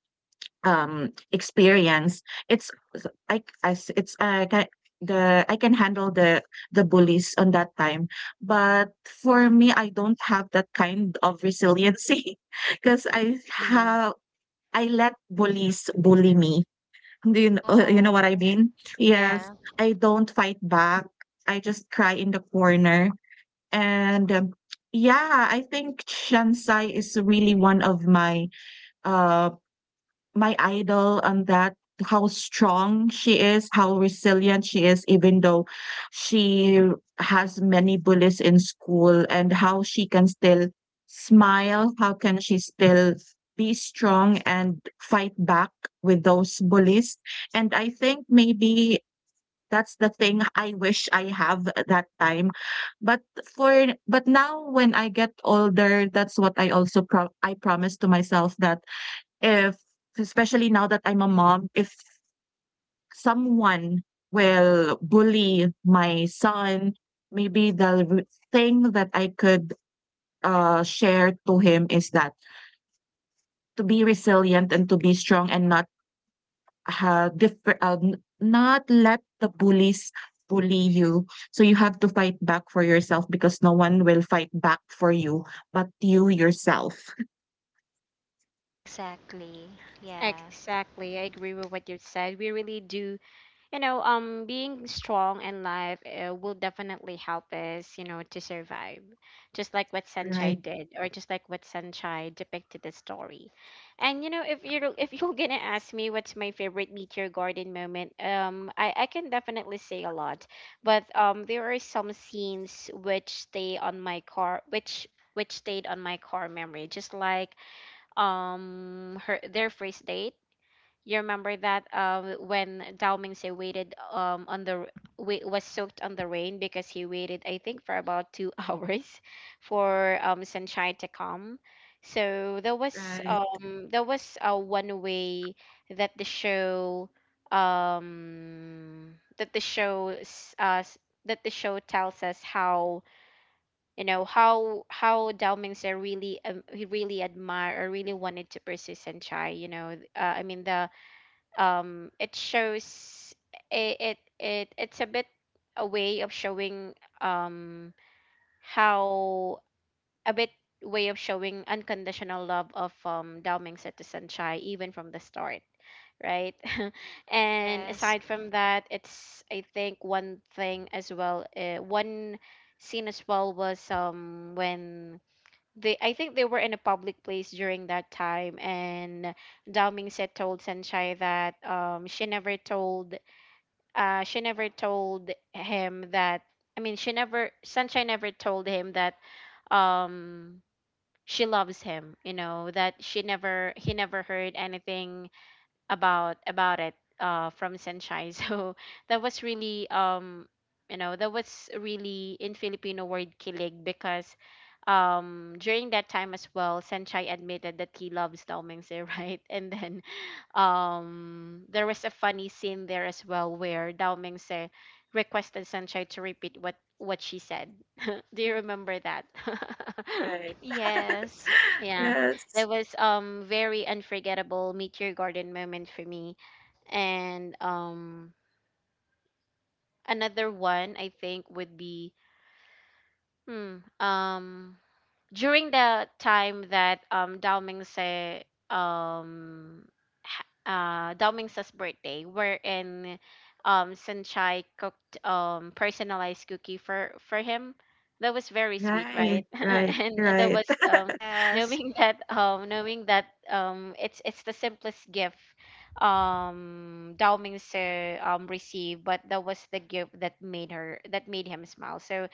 B: experienced. It's I as it's, ki the I can handle the bullies on that time, but for me, I don't have that kind of resiliency because I
A: mhm.
B: have I let bullies bully me. Do you kn you know what I
C: Oh,
B: mean? Yes,
C: yeah.
B: I don't fight back. I just cry in the corner, and, yeah, I think Shansai is really one of my, um my idol on that how strong she is, how resilient she is, even though she has many bullies in school, and how she can still smile. How can she still be strong and fight back with those bullies? And I think maybe that's the thing I wish I have at that time. But but now when I get older, that's what I also I promise to myself that if especially now that I'm a mom, if someone will bully my son, maybe the thing that I could share to him is that to be resilient and to be strong and not not let the bullies bully you. So you have to fight back for yourself because no one will fight back for you but you yourself.
C: Exactly. Yeah.
A: Exactly. I agree with what you said. We really do, you know, being strong in life will definitely help us, you know, to survive, just like what Sanchai
B: Right,
A: did, or just like what Sanchai depicted the story. And, you know, if you're if you're gonna ask me what's my favorite Meteor Garden moment, I can definitely say a lot, but there are some scenes which stay on my car which stayed on my car memory, just like her their first date. You remember that? When Dao Mingse waited, wait, was soaked on the rain, because he waited, I think, for about two hours for, sunshine to come. So there was,
B: right,
A: there was one way that the show that the show s- s- that the show tells us how, you know, how Dao Mingse really, he really admired or really wanted to pursue sunshine. You know, I mean the it shows it it's a bit a way of showing um how a bit way of showing unconditional love of Daomingse to Sanchai, even from the start, right? And
C: Yes.
A: aside from that, it's I think one thing as well, one scene as well was when they, I think they were in a public place during that time, and Dao Mingse told Sanchai that she never told him that, I mean, she never Sanchai never told him that um she loves him. You know, that she never he never heard anything about it from Senchai. So that was really, you know, that was really, in Filipino word, kilig, because during that time as well, Senchai admitted that he loves Tao Mingse, right? And then there was a funny scene there as well, where Tao Mingse requested Senchai to repeat what she said. Do you remember that?
B: right.
C: Yes.
A: Yeah, that
B: Yes,
A: was, very unforgettable Meteor Garden moment for me. And another one I think would be, hmm, during the time that Dao Mingse, um Dao Mingse's birthday, wherein Sanchai cooked personalized cookie for him. That was very sweet,
B: right,
A: right?
B: right,
A: And that
B: right.
A: was,
C: Yes.
A: knowing that, knowing that, it's the simplest gift Dao Mingse received, but that was the gift that made him smile. So,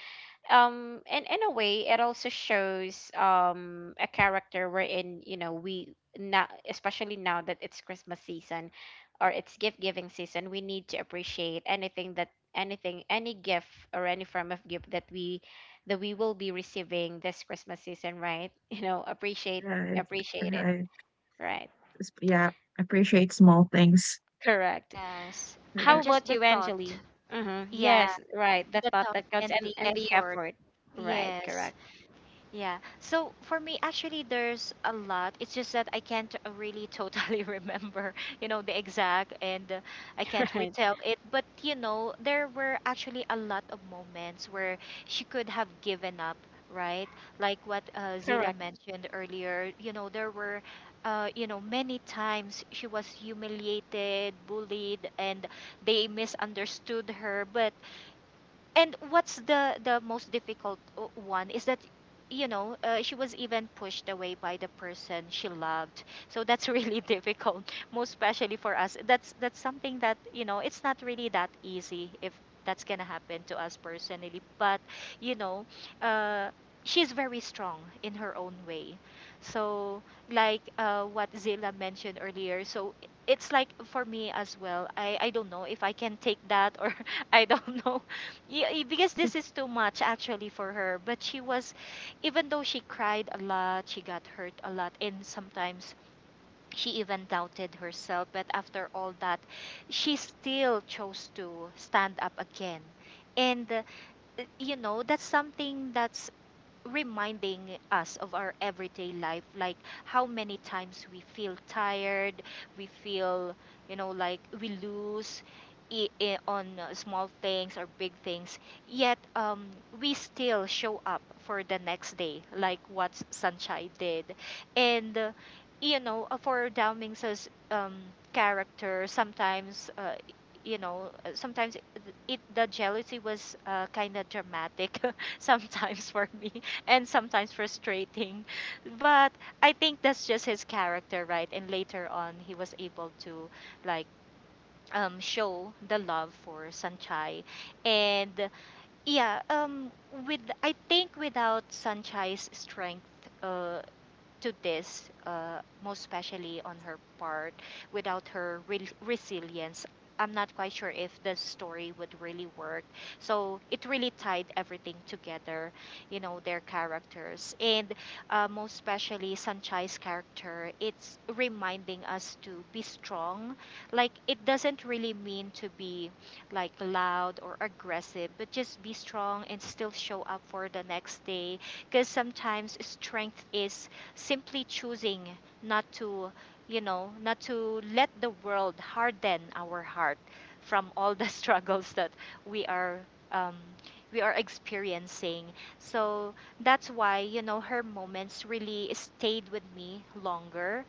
A: and in a way, it also shows a character wherein, you know, we now, especially now that it's Christmas season, or it's gift giving season, we need to appreciate anything that, anything, any gift or any form of gift that we will be receiving this Christmas season, right? You know, appreciate,
B: Right,
A: appreciate it,
B: right.
A: right?
B: It's yeah, appreciate small things.
A: Correct.
C: Yes.
A: How
C: And
B: Correct.
C: just
A: about
C: the
A: you,
C: thought.
A: Angeli? Uh-huh.
C: Yeah.
A: Yes, right, the
C: The
A: thought
C: thought
A: that counts,
C: and
A: and
C: the
A: the
C: effort.
A: effort, right?
C: Yes,
A: Correct.
C: yeah. So for me, actually, there's a lot. It's just that I can't really totally remember, you know, the exact, and I can't
A: Right.
C: retell it. But, you know, there were actually a lot of moments where she could have given up, right? Like what Zila
A: Correct.
C: mentioned earlier, you know, there were, you know, many times she was humiliated, bullied, and they misunderstood her. But, and what's the most difficult one is that, you know, she was even pushed away by the person she loved. So that's really difficult, most especially for us. That's something that, you know, it's not really that easy if that's gonna happen to us personally. But you know, uh, she's very strong in her own way. So like what Zila mentioned earlier, so it's like for me as well. I don't know if I can take that, or I don't know, yeah, eh, because this is too much actually for her. But she was, even though she cried a lot, she got hurt a lot, and sometimes she even doubted herself. But after all that, she still chose to stand up again. And, you know, that's something that's reminding us of our everyday life, like how many times we feel tired, we feel, you know, like we lose, on small things or big things, yet we still show up for the next day, like what sunshine did. And you know, for Daoming's character, sometimes you know, sometimes it, it the jealousy was kind of dramatic sometimes for me, and sometimes frustrating. But I think that's just his character, right? And later on, he was able to like show the love for Sanchai. And yeah, with I think without Sanchai's strength. Uh, to this, most especially on her part. Without her resilience, I'm not quite sure if the story would really work. So it really tied everything together, you know, their characters. And most especially Sanchai's character, it's reminding us to be strong. Like, it doesn't really mean to be like loud or aggressive, but just be strong and still show up for the next day. Because sometimes strength is simply choosing not to, you know, not to let the world harden our heart from all the struggles that we are um, we are experiencing. So that's why, you know, her moments really stayed with me longer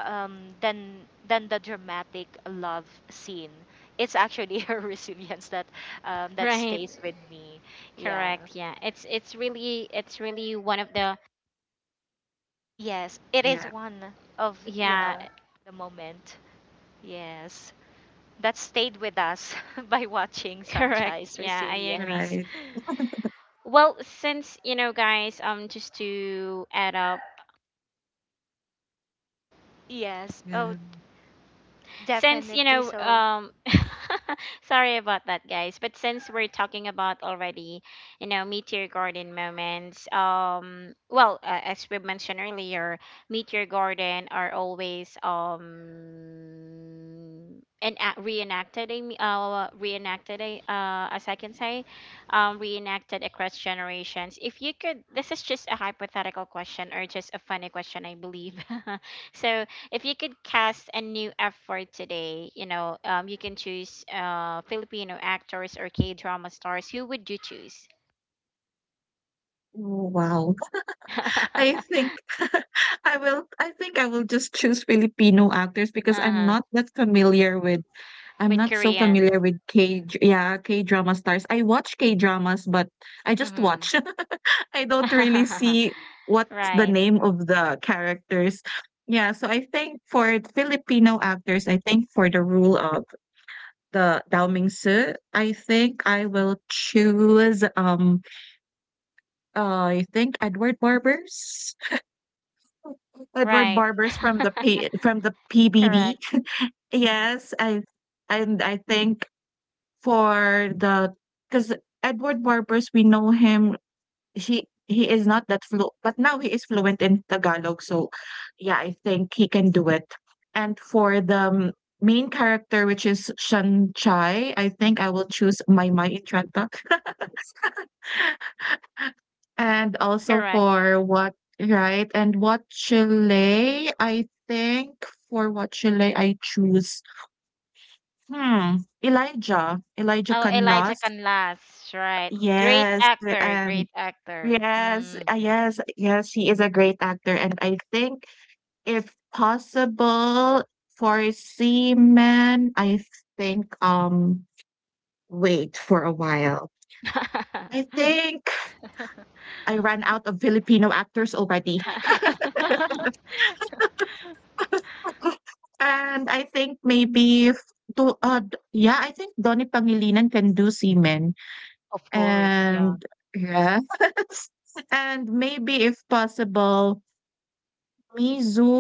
C: um, than than the dramatic love scene. It's actually her resilience that that
A: Right.
C: stays with me. Yeah.
A: Correct. Yeah. It's really it's really one of the,
C: Yes, it is
B: Yeah,
C: one of you
A: yeah,
C: know the moment. Yes, that stayed with us by watching
A: correct.
C: Sanchai's
A: Yeah, I agree.
C: resilience.
B: right.
A: Well, since, you know, guys, just to add up,
C: Yes. Oh,
B: Yeah.
A: since, you
C: definitely.
A: know,
C: So,
A: sorry about that, guys, but since we're talking about already, you know, Meteor Garden moments, well, as we mentioned earlier, Meteor Garden are always and reenacted a me- reenacted a as I can say, reenacted across generations. If you could, this is just a hypothetical question or just a funny question, I believe. So, if you could cast a new effort today, you know, you can choose Filipino actors or K drama stars, who would you choose?
B: Oh, wow. I think I think I will just choose Filipino actors because I'm
A: Uh-huh.
B: not that familiar with I'm
A: With
B: not so
A: Korean.
B: familiar with K-drama stars. I watch K-dramas, but I just
A: Hmm.
B: watch. I don't really see what's the
A: Right,
B: name of the characters. Yeah, so I think for Filipino actors, I think for the rule of the dalmingsu, I think I will choose, I think Edward Barbers. Edward
A: right.
B: Barbers from the P from the
A: Correct,
B: PBB. Yes, I and I think for the because Edward Barbers, we know him he is not that flu but now he is fluent in Tagalog, so yeah, I think he can do it. And for the main character, which is Shan Chai, I think I will choose Mai Mai in Tranta. and also
A: correct.
B: for what right and what Chile, I think for what Chile I choose hmm Elijah. Elijah
A: Oh, Elijah
B: Canlas.
A: Canlas. Right. Great
B: Yes,
A: actor,
B: and
A: great actor. Mm.
B: yes, he is a great actor and I think if possible, for seamen, I think wait for a while. I think I ran out of Filipino actors already. And I think maybe f- do d- yeah, I think Donnie Pangilinan can do seamen.
A: Of course, yeah.
B: And yeah. And maybe if possible, Mizu,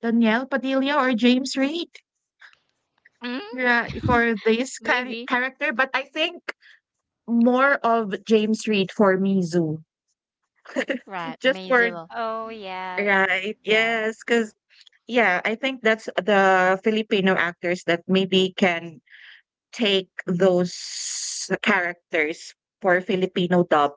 B: Danielle Padilla or James Reid.
A: Mm?
B: Yeah, for this kind
A: Maybe.
B: character, but I think more of James Reid for me, Zoo.
A: Right,
B: Just for
A: amazing.
C: oh, yeah.
B: right,
C: Yeah.
B: yes, because yeah, I think that's the Filipino actors that maybe can take those characters for Filipino dub.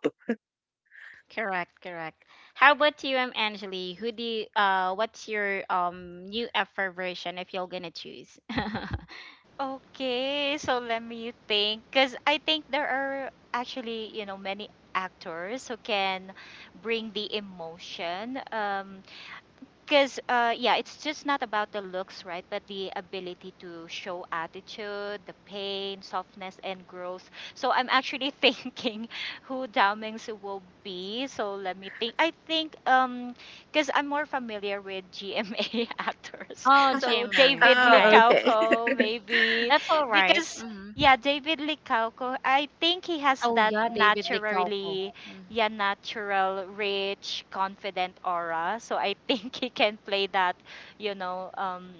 A: Correct, correct. How about you, Angeli? Who do you, what's your new effort version if you're gonna choose?
C: Okay, so let me think, because I think there are actually, you know, many actors who can bring the emotion. Because, yeah, it's just not about the looks, right? But the ability to show attitude, the pain, softness, and growth. So I'm actually thinking who Dao Mingsu will be. So let me think. I think, because I'm more familiar with GMA actors.
A: Oh,
C: So
A: Jimmy,
C: David
B: Oh,
A: right.
B: okay.
C: Licauco, maybe.
A: That's all right.
C: Because,
A: Mm-hmm.
C: yeah, David Licauco, I think he has
A: Oh
C: that
A: yeah, David Licalco.
C: naturally,
A: Mm,
C: yeah, natural, rich, confident aura. So I think he can play that, you know,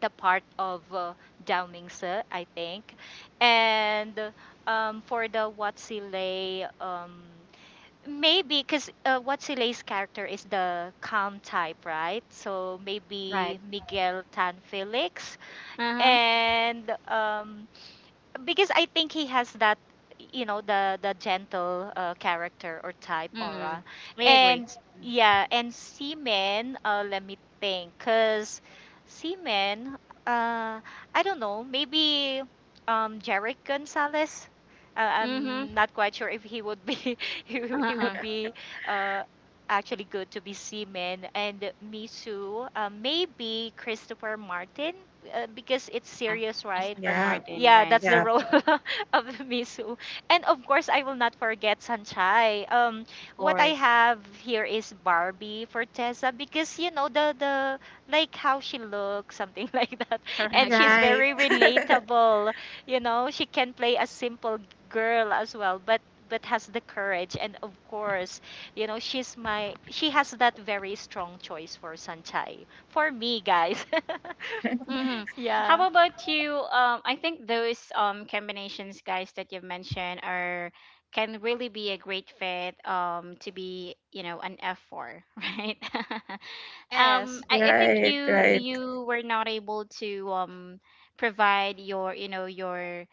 C: the part of Dao Mingse, I think. And for the Watsile, maybe because Watsile's character is the calm type, right? So
A: right.
C: maybe Miguel Tan Felix.
A: Uh-huh.
C: And because I think he has that, you know, the gentle character or type
A: Mm.
C: aura.
A: I agree.
C: And yeah, and seaman, let me think, because seaman uh, I don't know, maybe Jarek Gonzalez,
A: Mm-hmm.
C: I'm not quite sure if he would be he
A: Uh-huh.
C: would be uh actually good to be seaman. And Misu, maybe Christopher Martin, because it's
A: Yeah.
C: serious, right?
A: Christopher
B: Yeah,
A: Martin,
C: Yeah,
A: right.
C: that's the
B: yeah.
C: role of Misu. And of course, I will not forget Sanchai.
A: Of
C: What I
A: course.
C: have here is Barbie for Tessa, because you know the like how she looks, something like that. And
A: Correct.
C: she's
B: Right,
C: very relatable. You know, she can play a simple girl as well, but has the courage, and of course, you know, she has that very strong choice for Sanchai. For me, guys.
A: Mm-hmm.
C: Yeah.
A: How about you? I think those combinations, guys, that you've mentioned are can really be a great fit to be, you know, an F4, right?
C: Yes.
A: I think
B: right,
A: you
B: right.
A: you were not able to provide your, you know,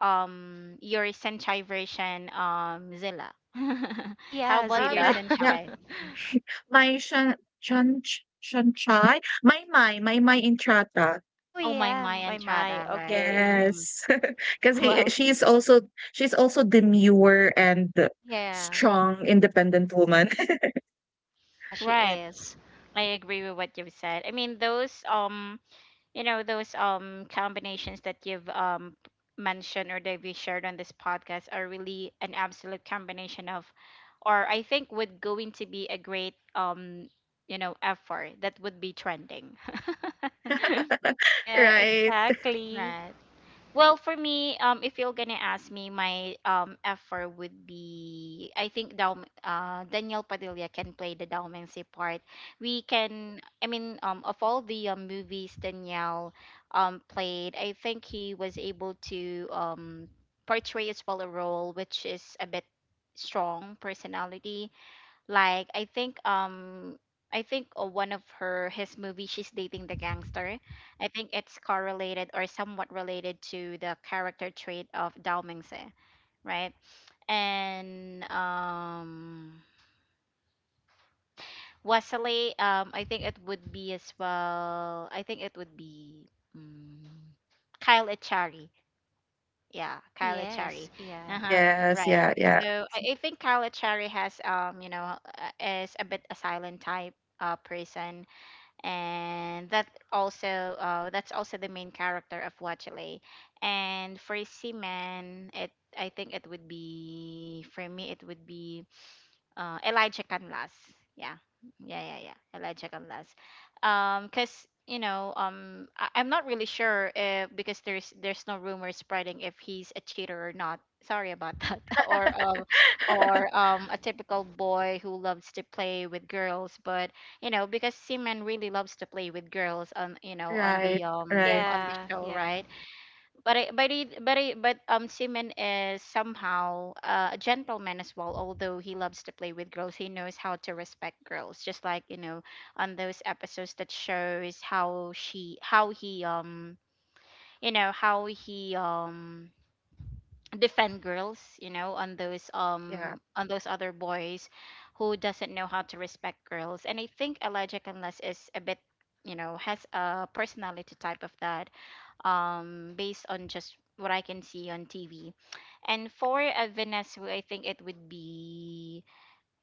A: your Senchai version, Zilla.
C: Oh,
A: How
C: yeah,
A: about
B: Ah,
A: your
C: Zila.
B: my yeah,
A: Senchai?
B: my shan shan chai, my my intrata.
C: Oh,
A: Oh, my
C: yeah,
A: my
C: my my.
A: Entrada, right?
C: Okay.
A: Mm-hmm.
B: Yes, because
A: Well,
B: she's also demure and
C: Yeah.
B: strong, independent woman,
C: Yeah, she
A: right.
C: is.
A: I agree with what you've said. I mean, those those combinations that you've mentioned or that we shared on this podcast are really an absolute combination of, or I think would going to be a great effort that would be trending.
C: Yeah,
B: right?
C: exactly.
A: Right. Well, for me, if you're gonna ask me, my effort would be I think Dal Daniel Padilla can play the Dalmancy part. We can, I mean, of all the movies Daniel played, I think he was able to portray as well a role which is a bit strong personality like I think one of her his movie she's dating the gangster. I think it's correlated or somewhat related to the character trait of Dao Mingse, right? And Wesley, I think it would be as well. I think it would be mm Kyle Echari. Yeah,
C: Oh,
A: Kylie
C: yes.
A: Cherry.
C: Yeah.
A: Uh-huh.
B: Yes,
A: Right.
B: yeah, yeah,
A: So I think Kylie Cherry has, is a bit a silent type person, and that also the main character of Watchley. And for Seaman, it I think it would be for me it would be Elijah Canlas. Yeah, yeah, yeah, yeah. Elijah Canlas. Because you know, I'm not really sure if because there's no rumor spreading if he's a cheater or not. Sorry about that. or um, or a typical boy who loves to play with girls. But you know, because Seaman really loves to play with girls on, you know, on
B: right,
A: the,
B: right,
A: on the
C: Yeah,
A: show,
C: yeah.
A: right? but I, but it, but I, but Simon is somehow, a gentleman as well. Although he loves to play with girls, he knows how to respect girls. Just like, you know, on those episodes that shows how he, how he, defend girls. You know,
B: yeah,
A: on those other boys, who doesn't know how to respect girls. And I think Elijah Canlas is a bit, you know, has a personality type of that, based on just what I can see on TV. And for a Venezuela, I think it would be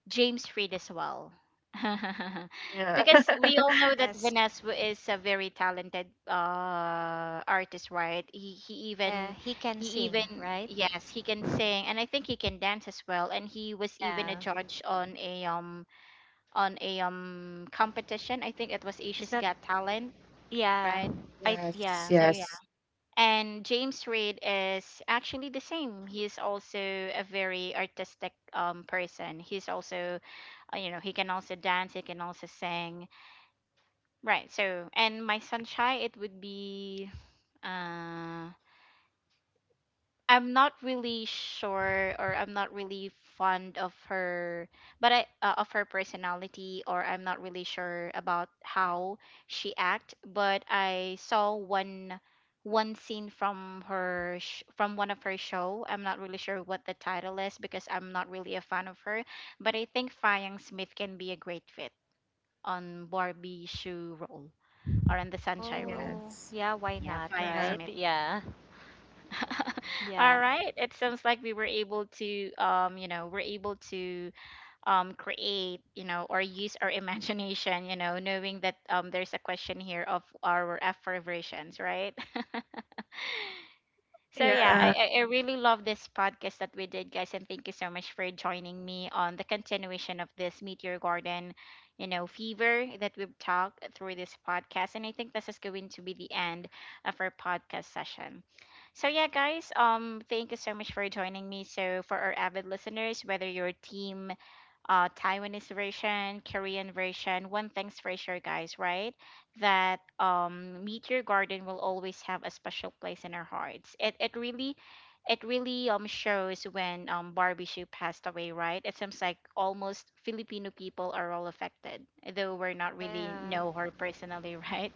A: James Reid as well.
B: yeah,
A: Because we all know that
C: Yes.
A: Vanessa is a very talented artist, right?
C: Yeah, he can
A: He
C: sing,
A: even
C: right?
A: Yes, he can sing, and I think he can dance as well, and he was even a
C: Yeah.
A: judge on a, competition. I think it was
C: Is
A: Asia's
C: that
A: Got Talent,
C: yeah.
A: right?
C: I
B: yes,
C: yeah.
A: So yeah.
B: yes,
A: And James Reid is actually the same. He's also a very artistic person. He's also, you know, he can also dance, he can also sing. Right. So, and my sunshine, it would be uh, I'm not really sure, or I'm not really fond of her, but I of her personality, or I'm not really sure about how she act, but I saw one scene from from one of her show. I'm not really sure what the title is because I'm not really a fan of her, but I think Fyang Smith can be a great fit on Barbie shoe role or on the sunshine role.
C: Oh,
B: yes,
C: yeah, why
A: Yeah,
C: not,
A: Fyang
B: yeah,
C: right?
A: Smith.
C: Yeah. Yeah.
A: All right. It sounds like we were able to, we're able to, create, you know, or use our imagination, you know, knowing that there's a question here of our affirmations, right? So yeah, I,
B: yeah,
A: I I really love this podcast that we did, guys, and thank you so much for joining me on the continuation of this Meteor Garden, you know, fever that we've talked through this podcast. And I think this is going to be the end of our podcast session. So yeah, guys, thank you so much for joining me. So for our avid listeners, whether you're team Taiwanese version, Korean version. One thing's for sure, guys, right? That Meteor Garden will always have a special place in our hearts. It really, it really shows when Barbie Hsu passed away, right? It seems like almost Filipino people are all affected, though we're not really
C: Yeah.
A: know her personally, right?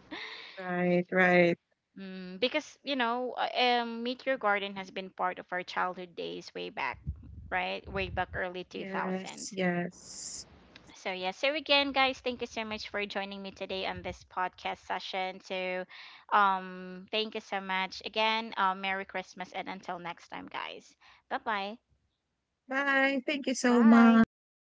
B: right, right,
A: Because you know, Meteor Garden has been part of our childhood days way back, right? Way back early
B: yes,
A: 2000s.
B: yes.
A: So yeah, so again, guys, thank you so much for joining me today on this podcast session. So, thank you so much again. Merry Christmas, and until next time, guys. Bye bye.
B: Bye. Thank you so
C: Bye.
B: much.
C: Thank you.